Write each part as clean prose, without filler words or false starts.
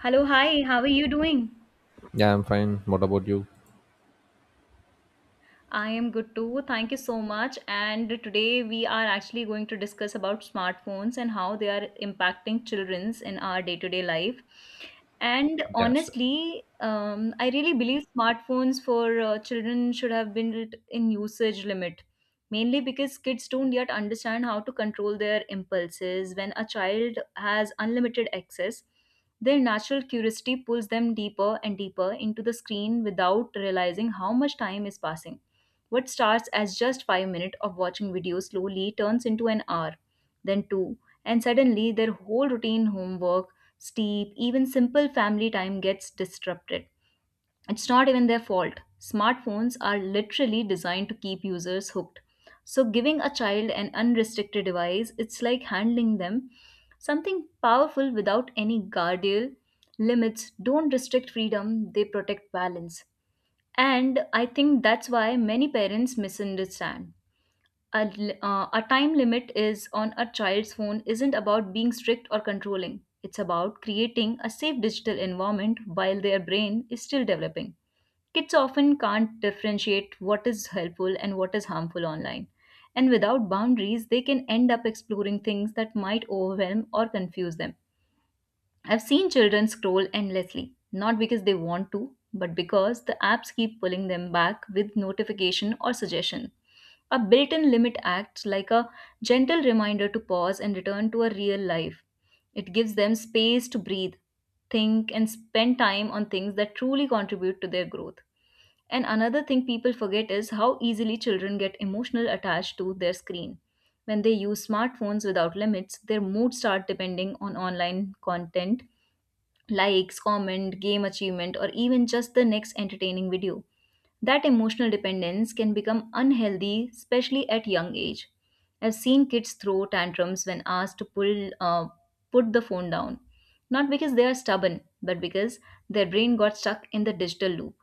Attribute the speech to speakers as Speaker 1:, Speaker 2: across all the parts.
Speaker 1: Hello, hi, how are you doing?
Speaker 2: Yeah, I'm fine. What about you?
Speaker 1: I am good too. Thank you so much. And today we are actually going to discuss about smartphones and how they are impacting children's in our day-to-day life. And
Speaker 2: Yeah, sure.
Speaker 1: honestly, I really believe smartphones for children should have been lit- in usage limit, mainly because kids don't yet understand how to control their impulses. When a child has unlimited access, their natural curiosity pulls them deeper and deeper into the screen without realizing how much time is passing. What starts as just 5 minutes of watching videos slowly turns into an hour, then 2, and suddenly their whole routine, homework, sleep, even simple family time gets disrupted. It's not even their fault. Smartphones are literally designed to keep users hooked. So, giving a child an unrestricted device, it's like handling them something powerful without any guardian limits. Don't restrict freedom, they protect balance. And I think that's why many parents misunderstand. A time limit is on a child's phone isn't about being strict or controlling. It's about creating a safe digital environment while their brain is still developing. Kids often can't differentiate what is helpful and what is harmful online. And without boundaries, they can end up exploring things that might overwhelm or confuse them. I've seen children scroll endlessly, not because they want to, but because the apps keep pulling them back with notification or suggestion. A built in limit acts like a gentle reminder to pause and return to a real life. It gives them space to breathe, think, and spend time on things that truly contribute to their growth. And another thing people forget is how easily children get emotional attached to their screen. When they use smartphones without limits, their moods start depending on online content likes, comment, game achievement, or even just the next entertaining video. That emotional dependence can become unhealthy, especially at young age. I've seen kids throw tantrums when asked to put the phone down, not because they are stubborn, but because their brain got stuck in the digital loop.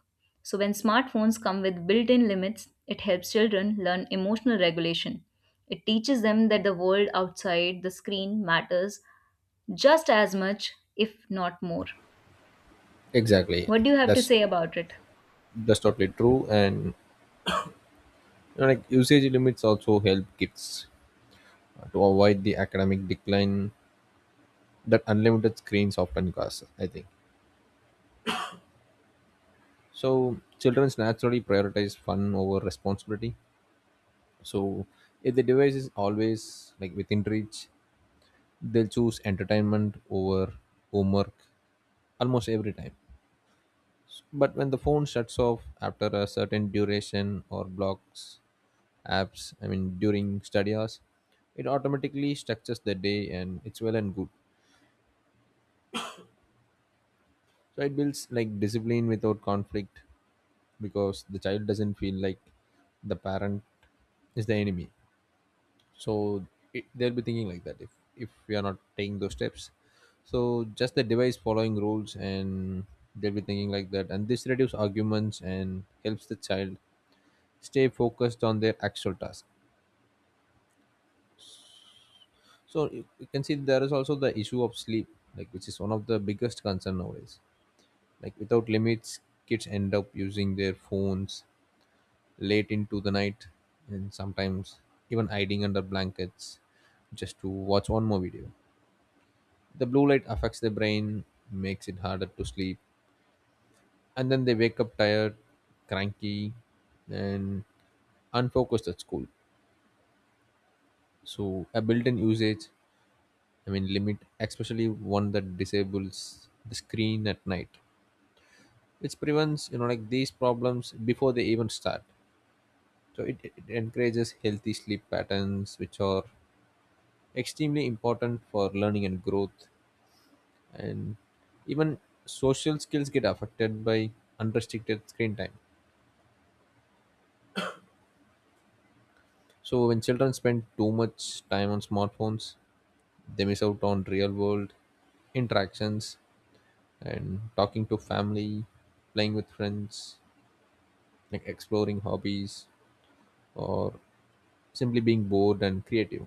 Speaker 1: So when smartphones come with built-in limits, it helps children learn emotional regulation. It teaches them that the world outside the screen matters just as much, if not more.
Speaker 2: Exactly.
Speaker 1: What do you have to
Speaker 2: That's
Speaker 1: say about it?
Speaker 2: that's totally true. And you know, like usage limits also help kids to avoid the academic decline that unlimited screens often cause. I think so. Children naturally prioritize fun over responsibility. So if the device is always like within reach, they'll choose entertainment over homework almost every time. But when the phone shuts off after a certain duration or blocks apps, I mean, during study hours, it automatically structures the day and it's well and good. So it builds like discipline without conflict because the child doesn't feel like the parent is the enemy. So it, they'll be thinking like that if we are not taking those steps. So just the device following rules and they'll be thinking like that. And this reduces arguments and helps the child stay focused on their actual task. So you can see there is also the issue of sleep, like which is one of the biggest concern nowadays. Like without limits, kids end up using their phones late into the night, and sometimes even hiding under blankets just to watch one more video. The blue light affects the brain, makes it harder to sleep, and then they wake up tired, cranky, and unfocused at school. So a built-in usage, I mean limit, especially one that disables the screen at night, it prevents you know like these problems before they even start. So it encourages healthy sleep patterns, which are extremely important for learning and growth. And even social skills get affected by unrestricted screen time. So when children spend too much time on smartphones, they miss out on real world interactions and talking to family, playing with friends, like exploring hobbies, or simply being bored and creative.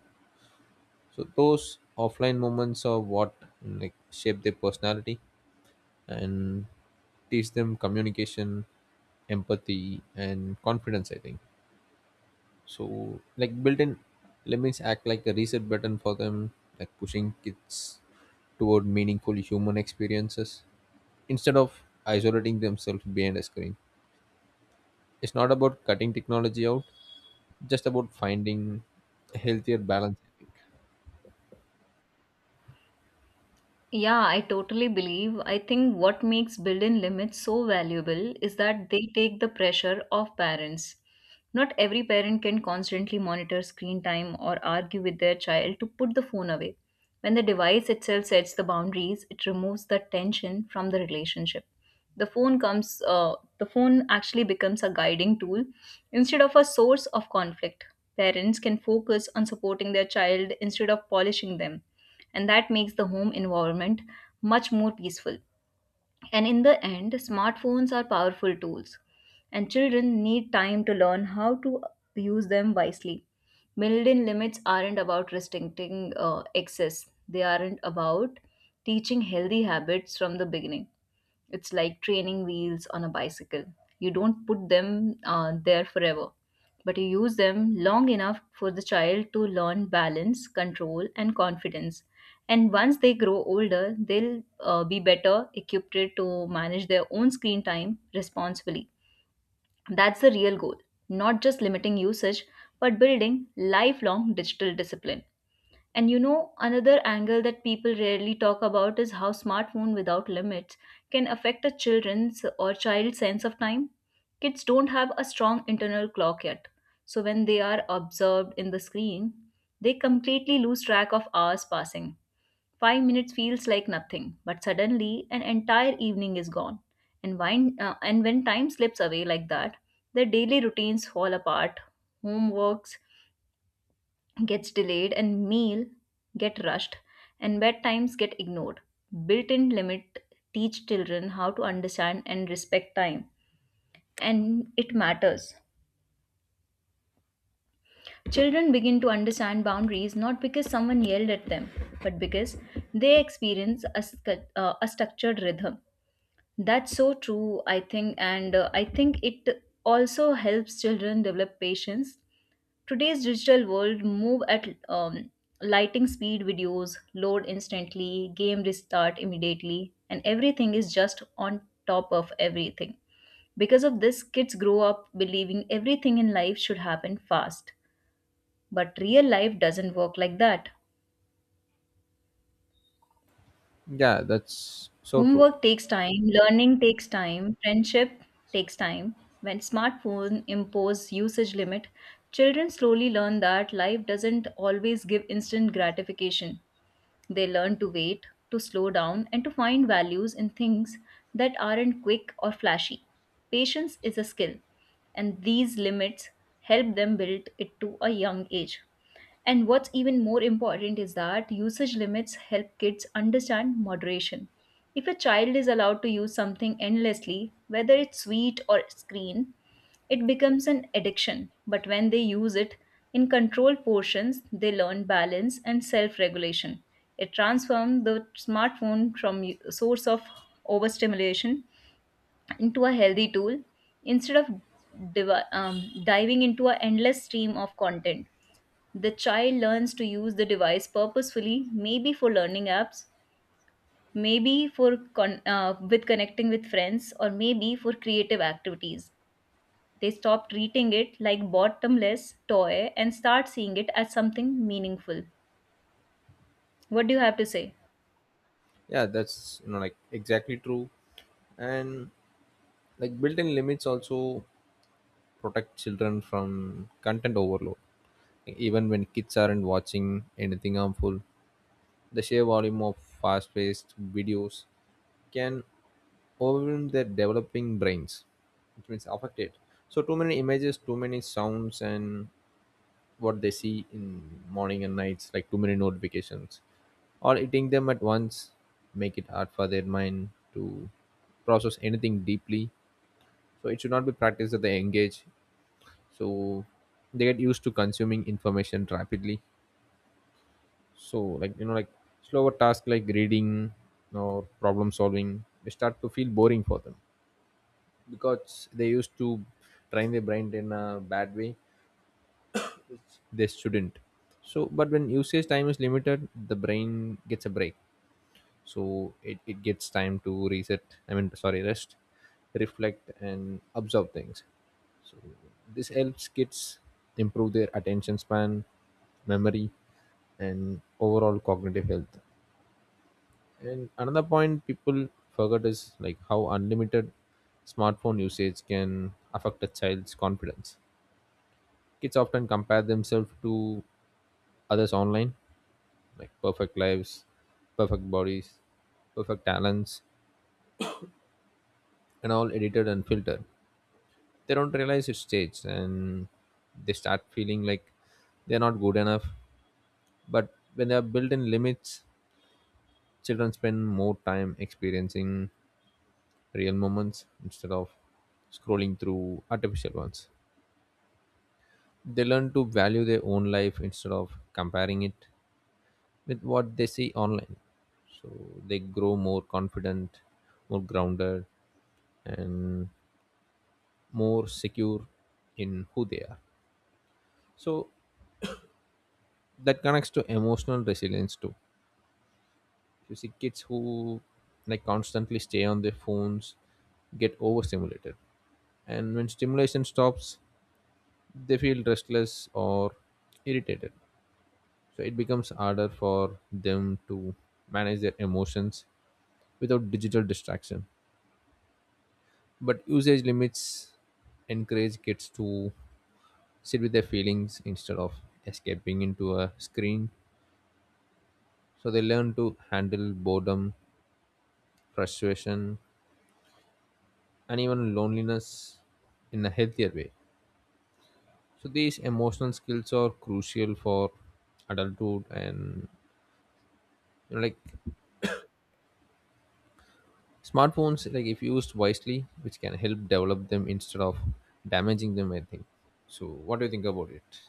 Speaker 2: So those offline moments are what like shape their personality and teach them communication, empathy, and confidence. I think so. Like built-in limits act like a reset button for them, like pushing kids toward meaningful human experiences instead of isolating themselves behind a screen. It's not about cutting technology out, just about finding a healthier balance. I think.
Speaker 1: Yeah, I totally believe. I think what makes built in limits so valuable is that they take the pressure off parents. Not every parent can constantly monitor screen time or argue with their child to put the phone away. When the device itself sets the boundaries, it removes the tension from the relationship. The phone actually becomes a guiding tool instead of a source of conflict. Parents can focus on supporting their child instead of polishing them, and that makes the home environment much more peaceful. And in the end, smartphones are powerful tools, and children need time to learn how to use them wisely. Built in limits aren't about restricting excess, they aren't about teaching healthy habits from the beginning. It's like training wheels on a bicycle. You don't put them there forever, but you use them long enough for the child to learn balance, control, and confidence. And once they grow older, they'll be better equipped to manage their own screen time responsibly. That's the real goal, not just limiting usage, but building lifelong digital discipline. And you know, another angle that people rarely talk about is how smartphone without limits can affect a children's or child's sense of time. Kids don't have a strong internal clock yet. So when they are absorbed in the screen, they completely lose track of hours passing. 5 minutes feels like nothing, but suddenly an entire evening is gone. And when time slips away like that, their daily routines fall apart. Homeworks gets delayed, and meal get rushed, and bedtimes get ignored. Built-in limit teach children how to understand and respect time, and it matters. Children begin to understand boundaries not because someone yelled at them, but because they experience a structured rhythm. That's so true, I think, and I think it also helps children develop patience. Today's digital world move at lighting speed. Videos load instantly, game restart immediately, and everything is just on top of everything. Because of this, kids grow up believing everything in life should happen fast. But real life doesn't work like that.
Speaker 2: Yeah, that's so true.
Speaker 1: Homework takes time, learning takes time, friendship takes time. When smartphone impose usage limit, children slowly learn that life doesn't always give instant gratification. They learn to wait, to slow down, and to find values in things that aren't quick or flashy. Patience is a skill, and these limits help them build it to a young age. And what's even more important is that usage limits help kids understand moderation. If a child is allowed to use something endlessly, whether it's sweet or screen, it becomes an addiction. But when they use it in controlled portions, they learn balance and self regulation. It transforms the smartphone from a source of overstimulation into a healthy tool instead of diving into an endless stream of content. The child learns to use the device purposefully, maybe for learning apps, maybe for con- with connecting with friends, or maybe for creative activities. They stop treating it like bottomless toy and start seeing it as something meaningful. What do you have to say?
Speaker 2: Yeah, that's you know like exactly true. And like built-in limits also protect children from content overload, even when kids aren't watching anything harmful. The sheer volume of fast-paced videos can overwhelm their developing brains, which means affected. So too many images, too many sounds, and what they see in morning and nights, like too many notifications or eating them at once, make it hard for their mind to process anything deeply. So it should not be practiced that they engage. So they get used to consuming information rapidly. So like you know like slower tasks like reading or problem solving, they start to feel boring for them because they used to train their brain in a bad way. They shouldn't. So but when usage time is limited, the brain gets a break. So it gets time to reset, I mean sorry rest, reflect, and observe things. So this helps kids improve their attention span, memory, and overall cognitive health. And another point people forget is like how unlimited smartphone usage can affect a child's confidence. Kids often compare themselves to others online, like perfect lives, perfect bodies, perfect talents, and all edited and filtered. They don't realize it's staged, and they start feeling like they're not good enough. But when there are built-in limits, children spend more time experiencing real moments instead of scrolling through artificial ones. They learn to value their own life instead of comparing it with what they see online. So they grow more confident, more grounded, and more secure in who they are. So that connects to emotional resilience too. You see kids who like constantly stay on their phones get overstimulated, and when stimulation stops they feel restless or irritated. So it becomes harder for them to manage their emotions without digital distraction. But usage limits encourage kids to sit with their feelings instead of escaping into a screen. So they learn to handle boredom, frustration, and even loneliness in a healthier way. So these emotional skills are crucial for adulthood. And you know, like smartphones, like if used wisely, which can help develop them instead of damaging them, I think. So what do you think about it?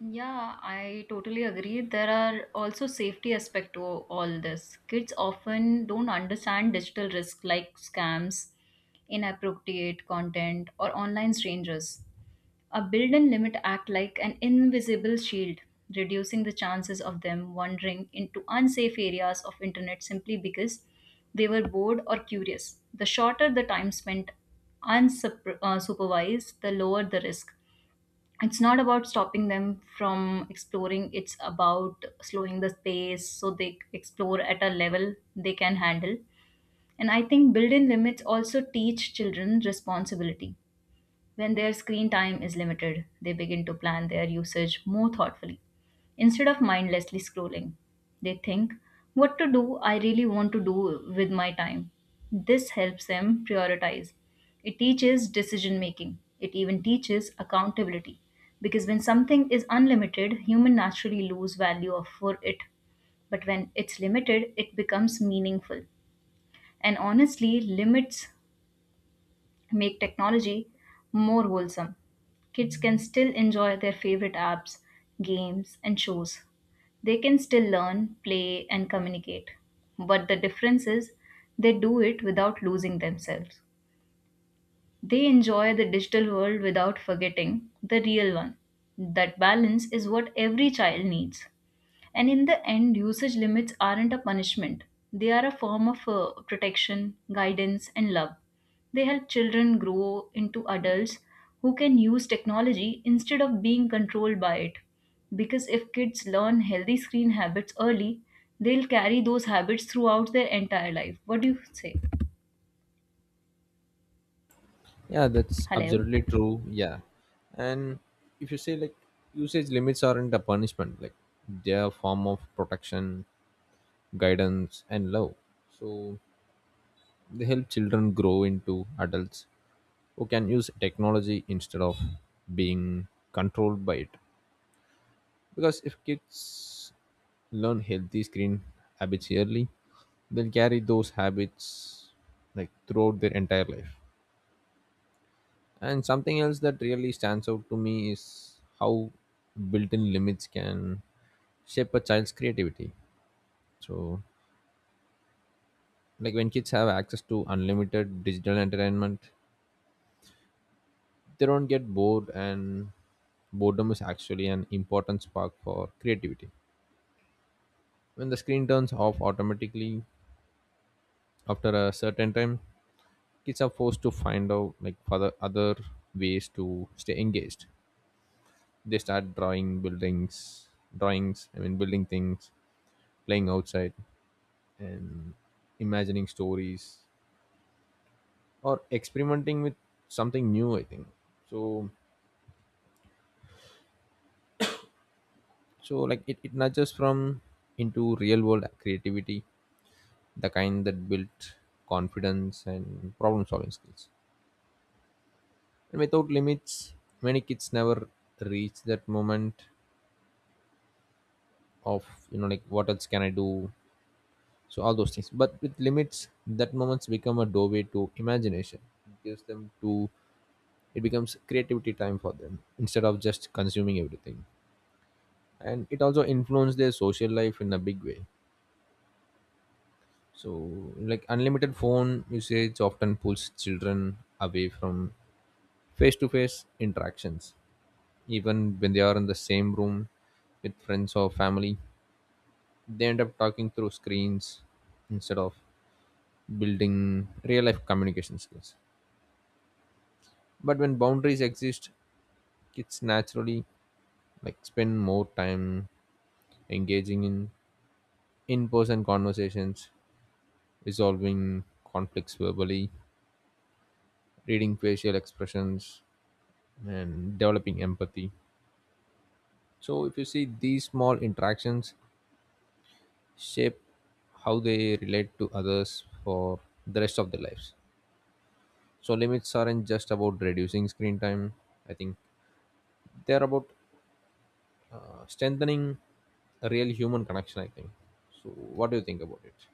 Speaker 1: Yeah, I totally agree. There are also safety aspect to all this. Kids often don't understand digital risk like scams, inappropriate content, or online strangers. A built-in limit act like an invisible shield, reducing the chances of them wandering into unsafe areas of internet simply because they were bored or curious. The shorter the time spent unsupervised, the lower the risk. It's not about stopping them from exploring, it's about slowing the space so they explore at a level they can handle. And I think built in limits also teach children responsibility. When their screen time is limited, they begin to plan their usage more thoughtfully. Instead of mindlessly scrolling, they think, what to do I really want to do with my time? This helps them prioritize. It teaches decision making, it even teaches accountability. Because when something is unlimited, human naturally lose value for it. But when it's limited, it becomes meaningful. And honestly, limits make technology more wholesome. Kids can still enjoy their favorite apps, games, and shows. They can still learn, play, and communicate. But the difference is they do it without losing themselves. They enjoy the digital world without forgetting the real one. That balance is what every child needs. And in the end, usage limits aren't a punishment, they are a form of protection, guidance, and love. They help children grow into adults who can use technology instead of being controlled by it. Because if kids learn healthy screen habits early, they'll carry those habits throughout their entire life. What do you say?
Speaker 2: Yeah, that's
Speaker 1: Hello?
Speaker 2: absolutely true. Yeah, and if you say like usage limits aren't a punishment, like they're a form of protection, guidance, and love. So they help children grow into adults who can use technology instead of being controlled by it. Because if kids learn healthy screen habits early, they'll carry those habits like throughout their entire life. And something else that really stands out to me is how built-in limits can shape a child's creativity. So, like when kids have access to unlimited digital entertainment, they don't get bored, and boredom is actually an important spark for creativity. When the screen turns off automatically after a certain time, kids are forced to find out like other ways to stay engaged. They start drawing buildings, drawings I mean building things, playing outside, and imagining stories or experimenting with something new, I think. So so like it nudges from into real world creativity, the kind that built confidence and problem solving skills. And without limits, many kids never reach that moment of, you know, like what else can I do? So all those things. But with limits, that moments become a doorway to imagination. It gives them to, it becomes creativity time for them instead of just consuming everything. And it also influences their social life in a big way. So, like unlimited phone usage often pulls children away from face to face interactions, even when they are in the same room with friends or family. They end up talking through screens instead of building real life communication skills. But when boundaries exist, kids naturally like spend more time engaging in in-person conversations, resolving conflicts verbally, reading facial expressions, and developing empathy. So if you see these small interactions shape how they relate to others for the rest of their lives. So limits aren't just about reducing screen time. I think they're about strengthening a real human connection. I think. So what do you think about it?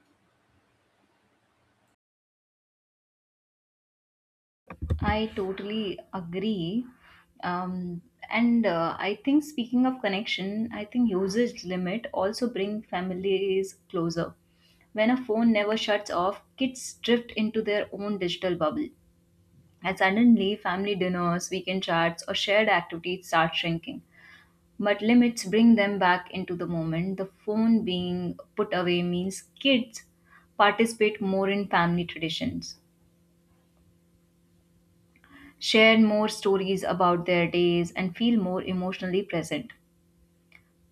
Speaker 1: I totally agree. Um, and I think speaking of connection, I think usage limit also bring families closer. When a phone never shuts off, kids drift into their own digital bubble. And suddenly, family dinners, weekend chats, or shared activities start shrinking. But limits bring them back into the moment. The phone being put away means kids participate more in family traditions, share more stories about their days, and feel more emotionally present.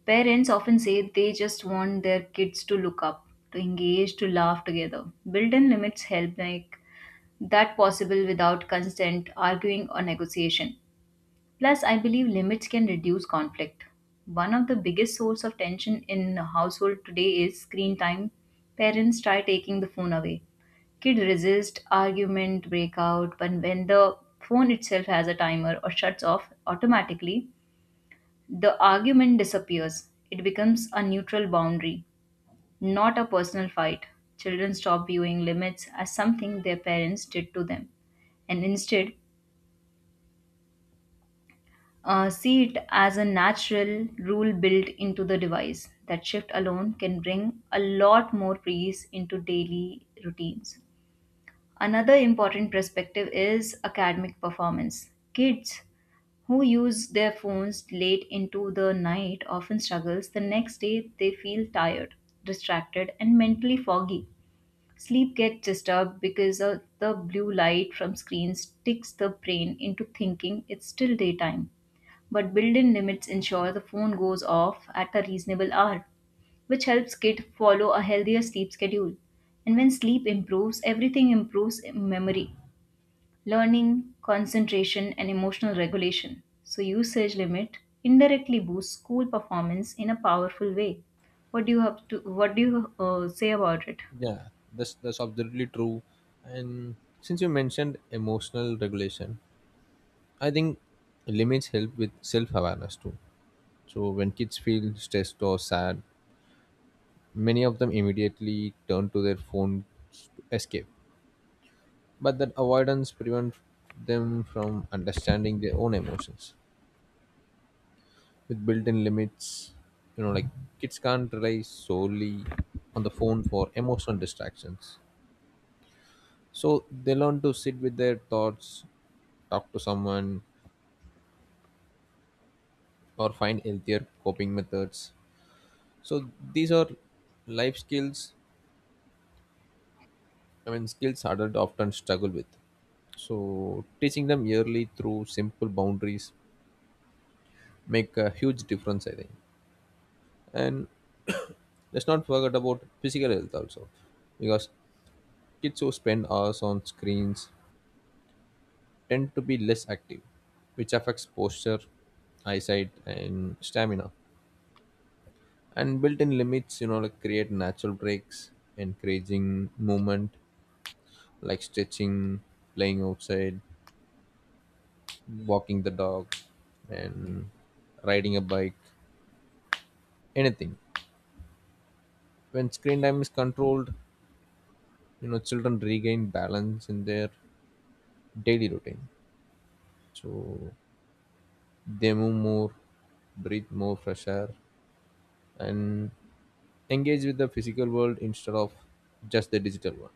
Speaker 1: Parents often say they just want their kids to look up, to engage, to laugh together. Built in limits help make that possible without constant arguing or negotiation. Plus, I believe limits can reduce conflict. One of the biggest source of tension in a household today is screen time. Parents try taking the phone away. Kid resist, argument break out, but when the phone itself has a timer or shuts off automatically, the argument disappears. It becomes a neutral boundary, not a personal fight. Children stop viewing limits as something their parents did to them, and instead see it as a natural rule built into the device. That shift alone can bring a lot more peace into daily routines. Another important perspective is academic performance. Kids who use their phones late into the night often struggles the next day. They feel tired, distracted, and mentally foggy. Sleep gets disturbed because of the blue light from screens sticks the brain into thinking it's still daytime, but built-in limits ensure the phone goes off at a reasonable hour, which helps kid follow a healthier sleep schedule. And when sleep improves, everything improves in memory, learning, concentration, and emotional regulation. So usage limit indirectly boosts school performance in a powerful way. What do you have to what do you say about it?
Speaker 2: Yeah, that's absolutely true. And since you mentioned emotional regulation, I think limits help with self awareness too. So when kids feel stressed or sad, many of them immediately turn to their phones to escape. But that avoidance prevents them from understanding their own emotions. With built in limits, you know, like kids can't rely solely on the phone for emotional distractions. So they learn to sit with their thoughts, talk to someone, or find healthier coping methods. So these are life skills, I mean, skills adults often struggle with. So teaching them yearly through simple boundaries make a huge difference, I think. And let's not forget about physical health also, because kids who spend hours on screens tend to be less active, which affects posture, eyesight, and stamina. And built-in limits, you know, like create natural breaks, encouraging movement, like stretching, playing outside, walking the dog, and riding a bike, anything. When screen time is controlled, you know, children regain balance in their daily routine. So they move more, breathe more fresh air, and engage with the physical world instead of just the digital one.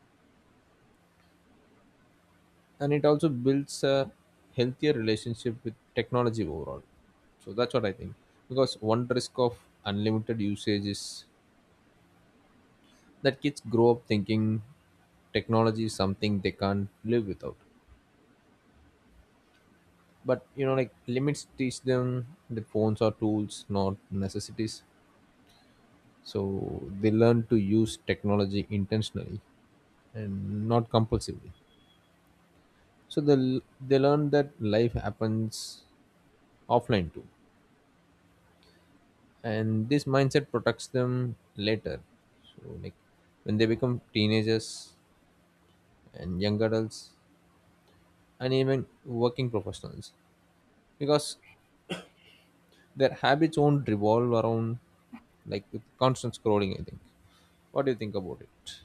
Speaker 2: And it also builds a healthier relationship with technology overall. So that's what I think. Because one risk of unlimited usage is that kids grow up thinking technology is something they can't live without. But you know, like limits teach them that phones are tools, not necessities. So they learn to use technology intentionally and not compulsively. So they learn that life happens offline too, and this mindset protects them later. So like when they become teenagers and young adults and even working professionals, because their habits won't revolve around like with constant scrolling, I think. What do you think about it?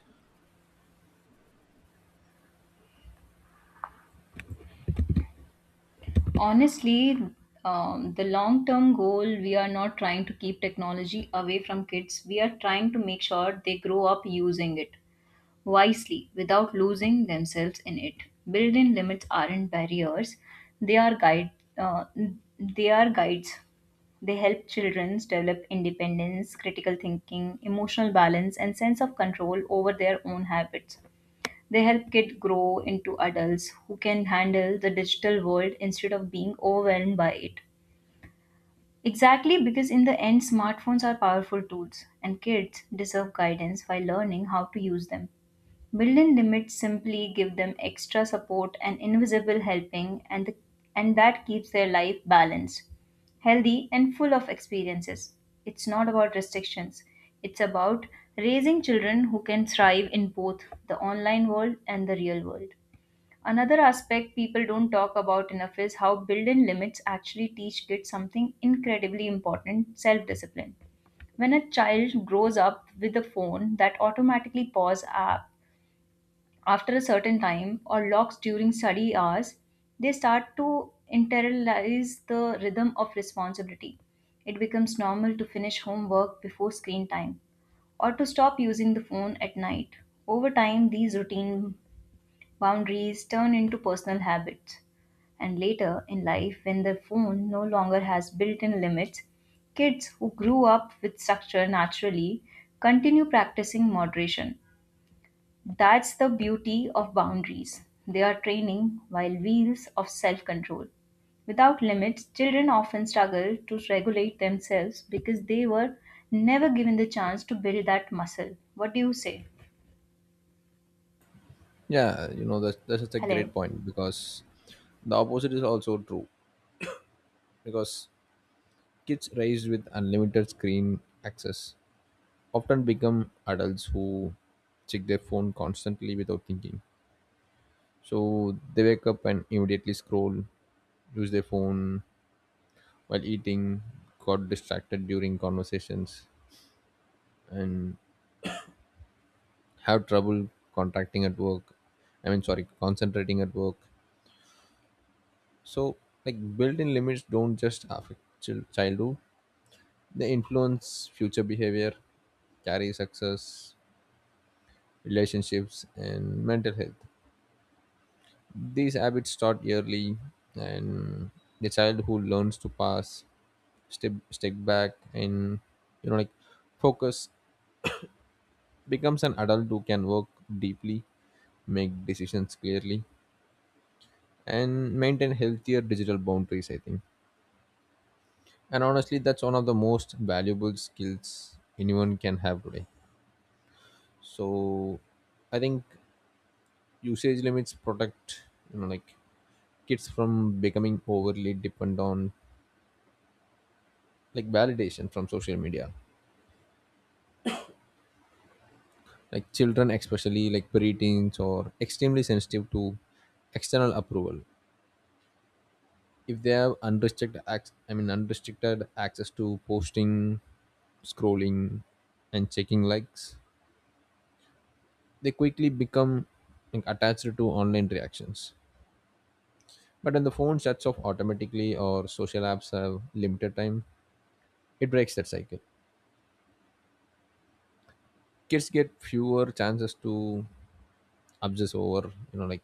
Speaker 1: Honestly, the long term goal, we are not trying to keep technology away from kids, we are trying to make sure they grow up using it wisely without losing themselves in it. Built-in limits aren't barriers, they are guide uh, they are guides. They help children develop independence, critical thinking, emotional balance, and sense of control over their own habits. They help kids grow into adults who can handle the digital world instead of being overwhelmed by it. Exactly, because in the end, smartphones are powerful tools and kids deserve guidance while learning how to use them. Built in limits simply give them extra support and invisible helping, and that keeps their life balanced, healthy, and full of experiences. It's not about restrictions, it's about raising children who can thrive in both the online world and the real world. Another aspect people don't talk about enough is how built in limits actually teach kids something incredibly important: self discipline. When a child grows up with a phone that automatically pauses app after a certain time or locks during study hours, they start to internalize the rhythm of responsibility. It becomes normal to finish homework before screen time or to stop using the phone at night. Over time, these routines, boundaries, turn into personal habits. And later in life, when the phone no longer has built in limits, kids who grew up with structure naturally continue practicing moderation. That's the beauty of boundaries. They are training while wheels of self control. Without limits, children often struggle to regulate themselves because they were never given the chance to build that muscle. What do you say?
Speaker 2: Yeah, you know that's such a great
Speaker 1: Hello.
Speaker 2: point. Because the opposite is also true, because kids raised with unlimited screen access often become adults who check their phone constantly without thinking. So they wake up and immediately scroll, use their phone while eating, got distracted during conversations, and have trouble contracting at work. I mean, sorry, concentrating at work. So, like built in limits don't just affect childhood, they influence future behavior, career success, relationships, and mental health. These habits start early, and the child who learns to pass, step back, and you know, like focus, becomes an adult who can work deeply, make decisions clearly, and maintain healthier digital boundaries. I think, and honestly, that's one of the most valuable skills anyone can have today. So, I think usage limits protect you know like kids from becoming overly dependent on like validation from social media. Like children, especially like preteens, or extremely sensitive to external approval. If they have I mean unrestricted access to posting, scrolling, and checking likes, they quickly become like attached to online reactions. But when the phone shuts off automatically or social apps have limited time, it breaks that cycle. Kids get fewer chances to obsess over, you know like,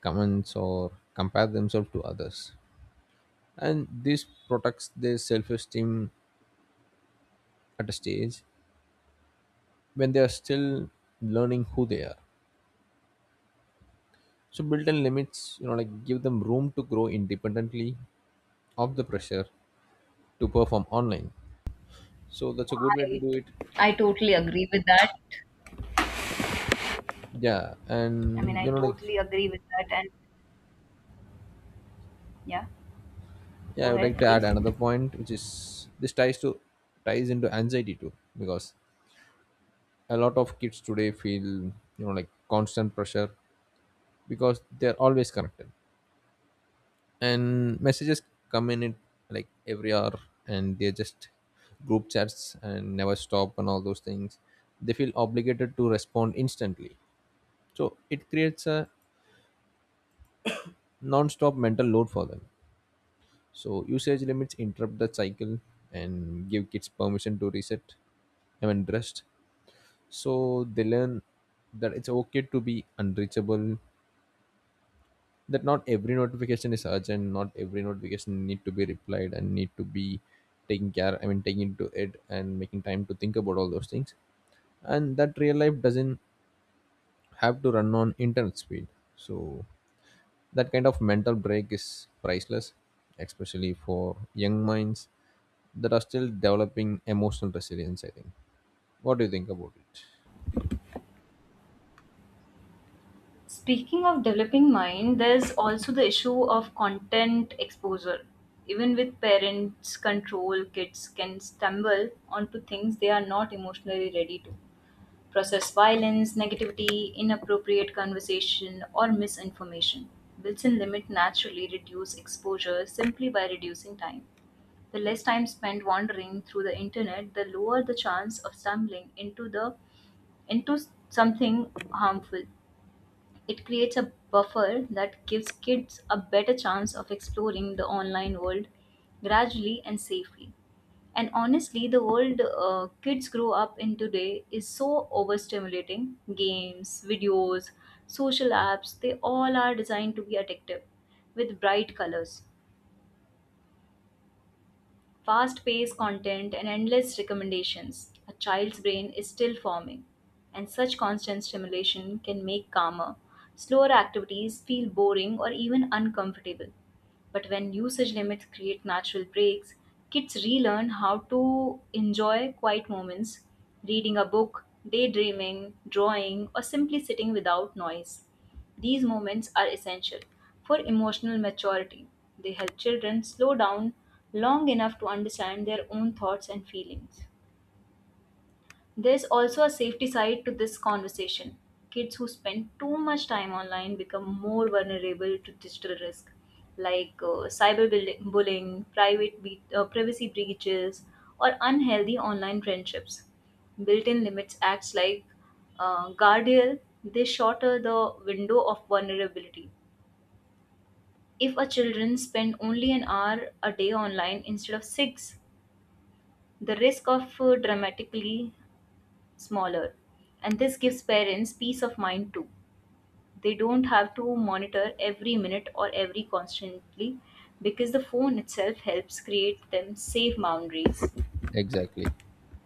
Speaker 2: comments or compare themselves to others, and this protects their self-esteem at a stage when they are still learning who they are. So built-in limits you know like give them room to grow independently of the pressure to perform online. So that's a good way to
Speaker 1: I
Speaker 2: do it.
Speaker 1: I totally agree with that.
Speaker 2: Yeah,
Speaker 1: I mean,
Speaker 2: and
Speaker 1: I
Speaker 2: you know like
Speaker 1: totally agree with that. And yeah,
Speaker 2: yeah
Speaker 1: go
Speaker 2: I would
Speaker 1: ahead,
Speaker 2: like to add
Speaker 1: please.
Speaker 2: another point, which is this ties to, ties into anxiety too. Because a lot of kids today feel you know like constant pressure because they're always connected, and messages come in it like every hour, and they're just group chats and never stop and all those things. They feel obligated to respond instantly. So it creates a non-stop mental load for them. So usage limits interrupt the cycle and give kids permission to reset, I mean rest. So they learn that it's okay to be unreachable, that not every notification is urgent, not every notification need to be replied and need to be taking care, I mean taking into it, and making time to think about all those things. And that real life doesn't have to run on internet speed. So that kind of mental break is priceless, especially for young minds that are still developing emotional resilience, I think. What do you think about it?
Speaker 1: Speaking of developing mind, there's also the issue of content exposure. Even with parents' control, kids can stumble onto things they are not emotionally ready to process: violence, negativity, inappropriate conversation, or misinformation. Builds in limit naturally reduce exposure simply by reducing time. The less time spent wandering through the internet, the lower the chance of stumbling into something harmful. It creates a buffer that gives kids a better chance of exploring the online world gradually and safely. And honestly, the world kids grow up in today is so overstimulating. Games, videos, social apps, they all are designed to be addictive with bright colors, fast paced content, and endless recommendations. A child's brain is still forming, and such constant stimulation can make calmer, slower activities feel boring or even uncomfortable. But when usage limits create natural breaks, kids relearn how to enjoy quiet moments: reading a book, daydreaming, drawing, or simply sitting without noise. These moments are essential for emotional maturity. They help children slow down long enough to understand their own thoughts and feelings. There's also a safety side to this conversation. Kids who spend too much time online become more vulnerable to digital risk, like cyberbullying, privacy breaches, or unhealthy online friendships. Built-in limits acts like guardrail. They shorter the window of vulnerability. If a children spend only an hour a day online instead of six, the risk of dramatically smaller. And this gives parents peace of mind too. They don't have to monitor every minute or every constantly because the phone itself helps create them safe boundaries.
Speaker 2: Exactly.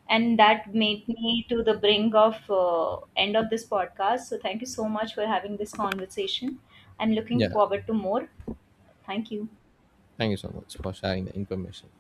Speaker 1: And that made me to the brink of end of this podcast. So thank you so much for having this conversation. I'm looking
Speaker 2: Yeah,
Speaker 1: forward to more. Thank you.
Speaker 2: thank you so much for sharing the information.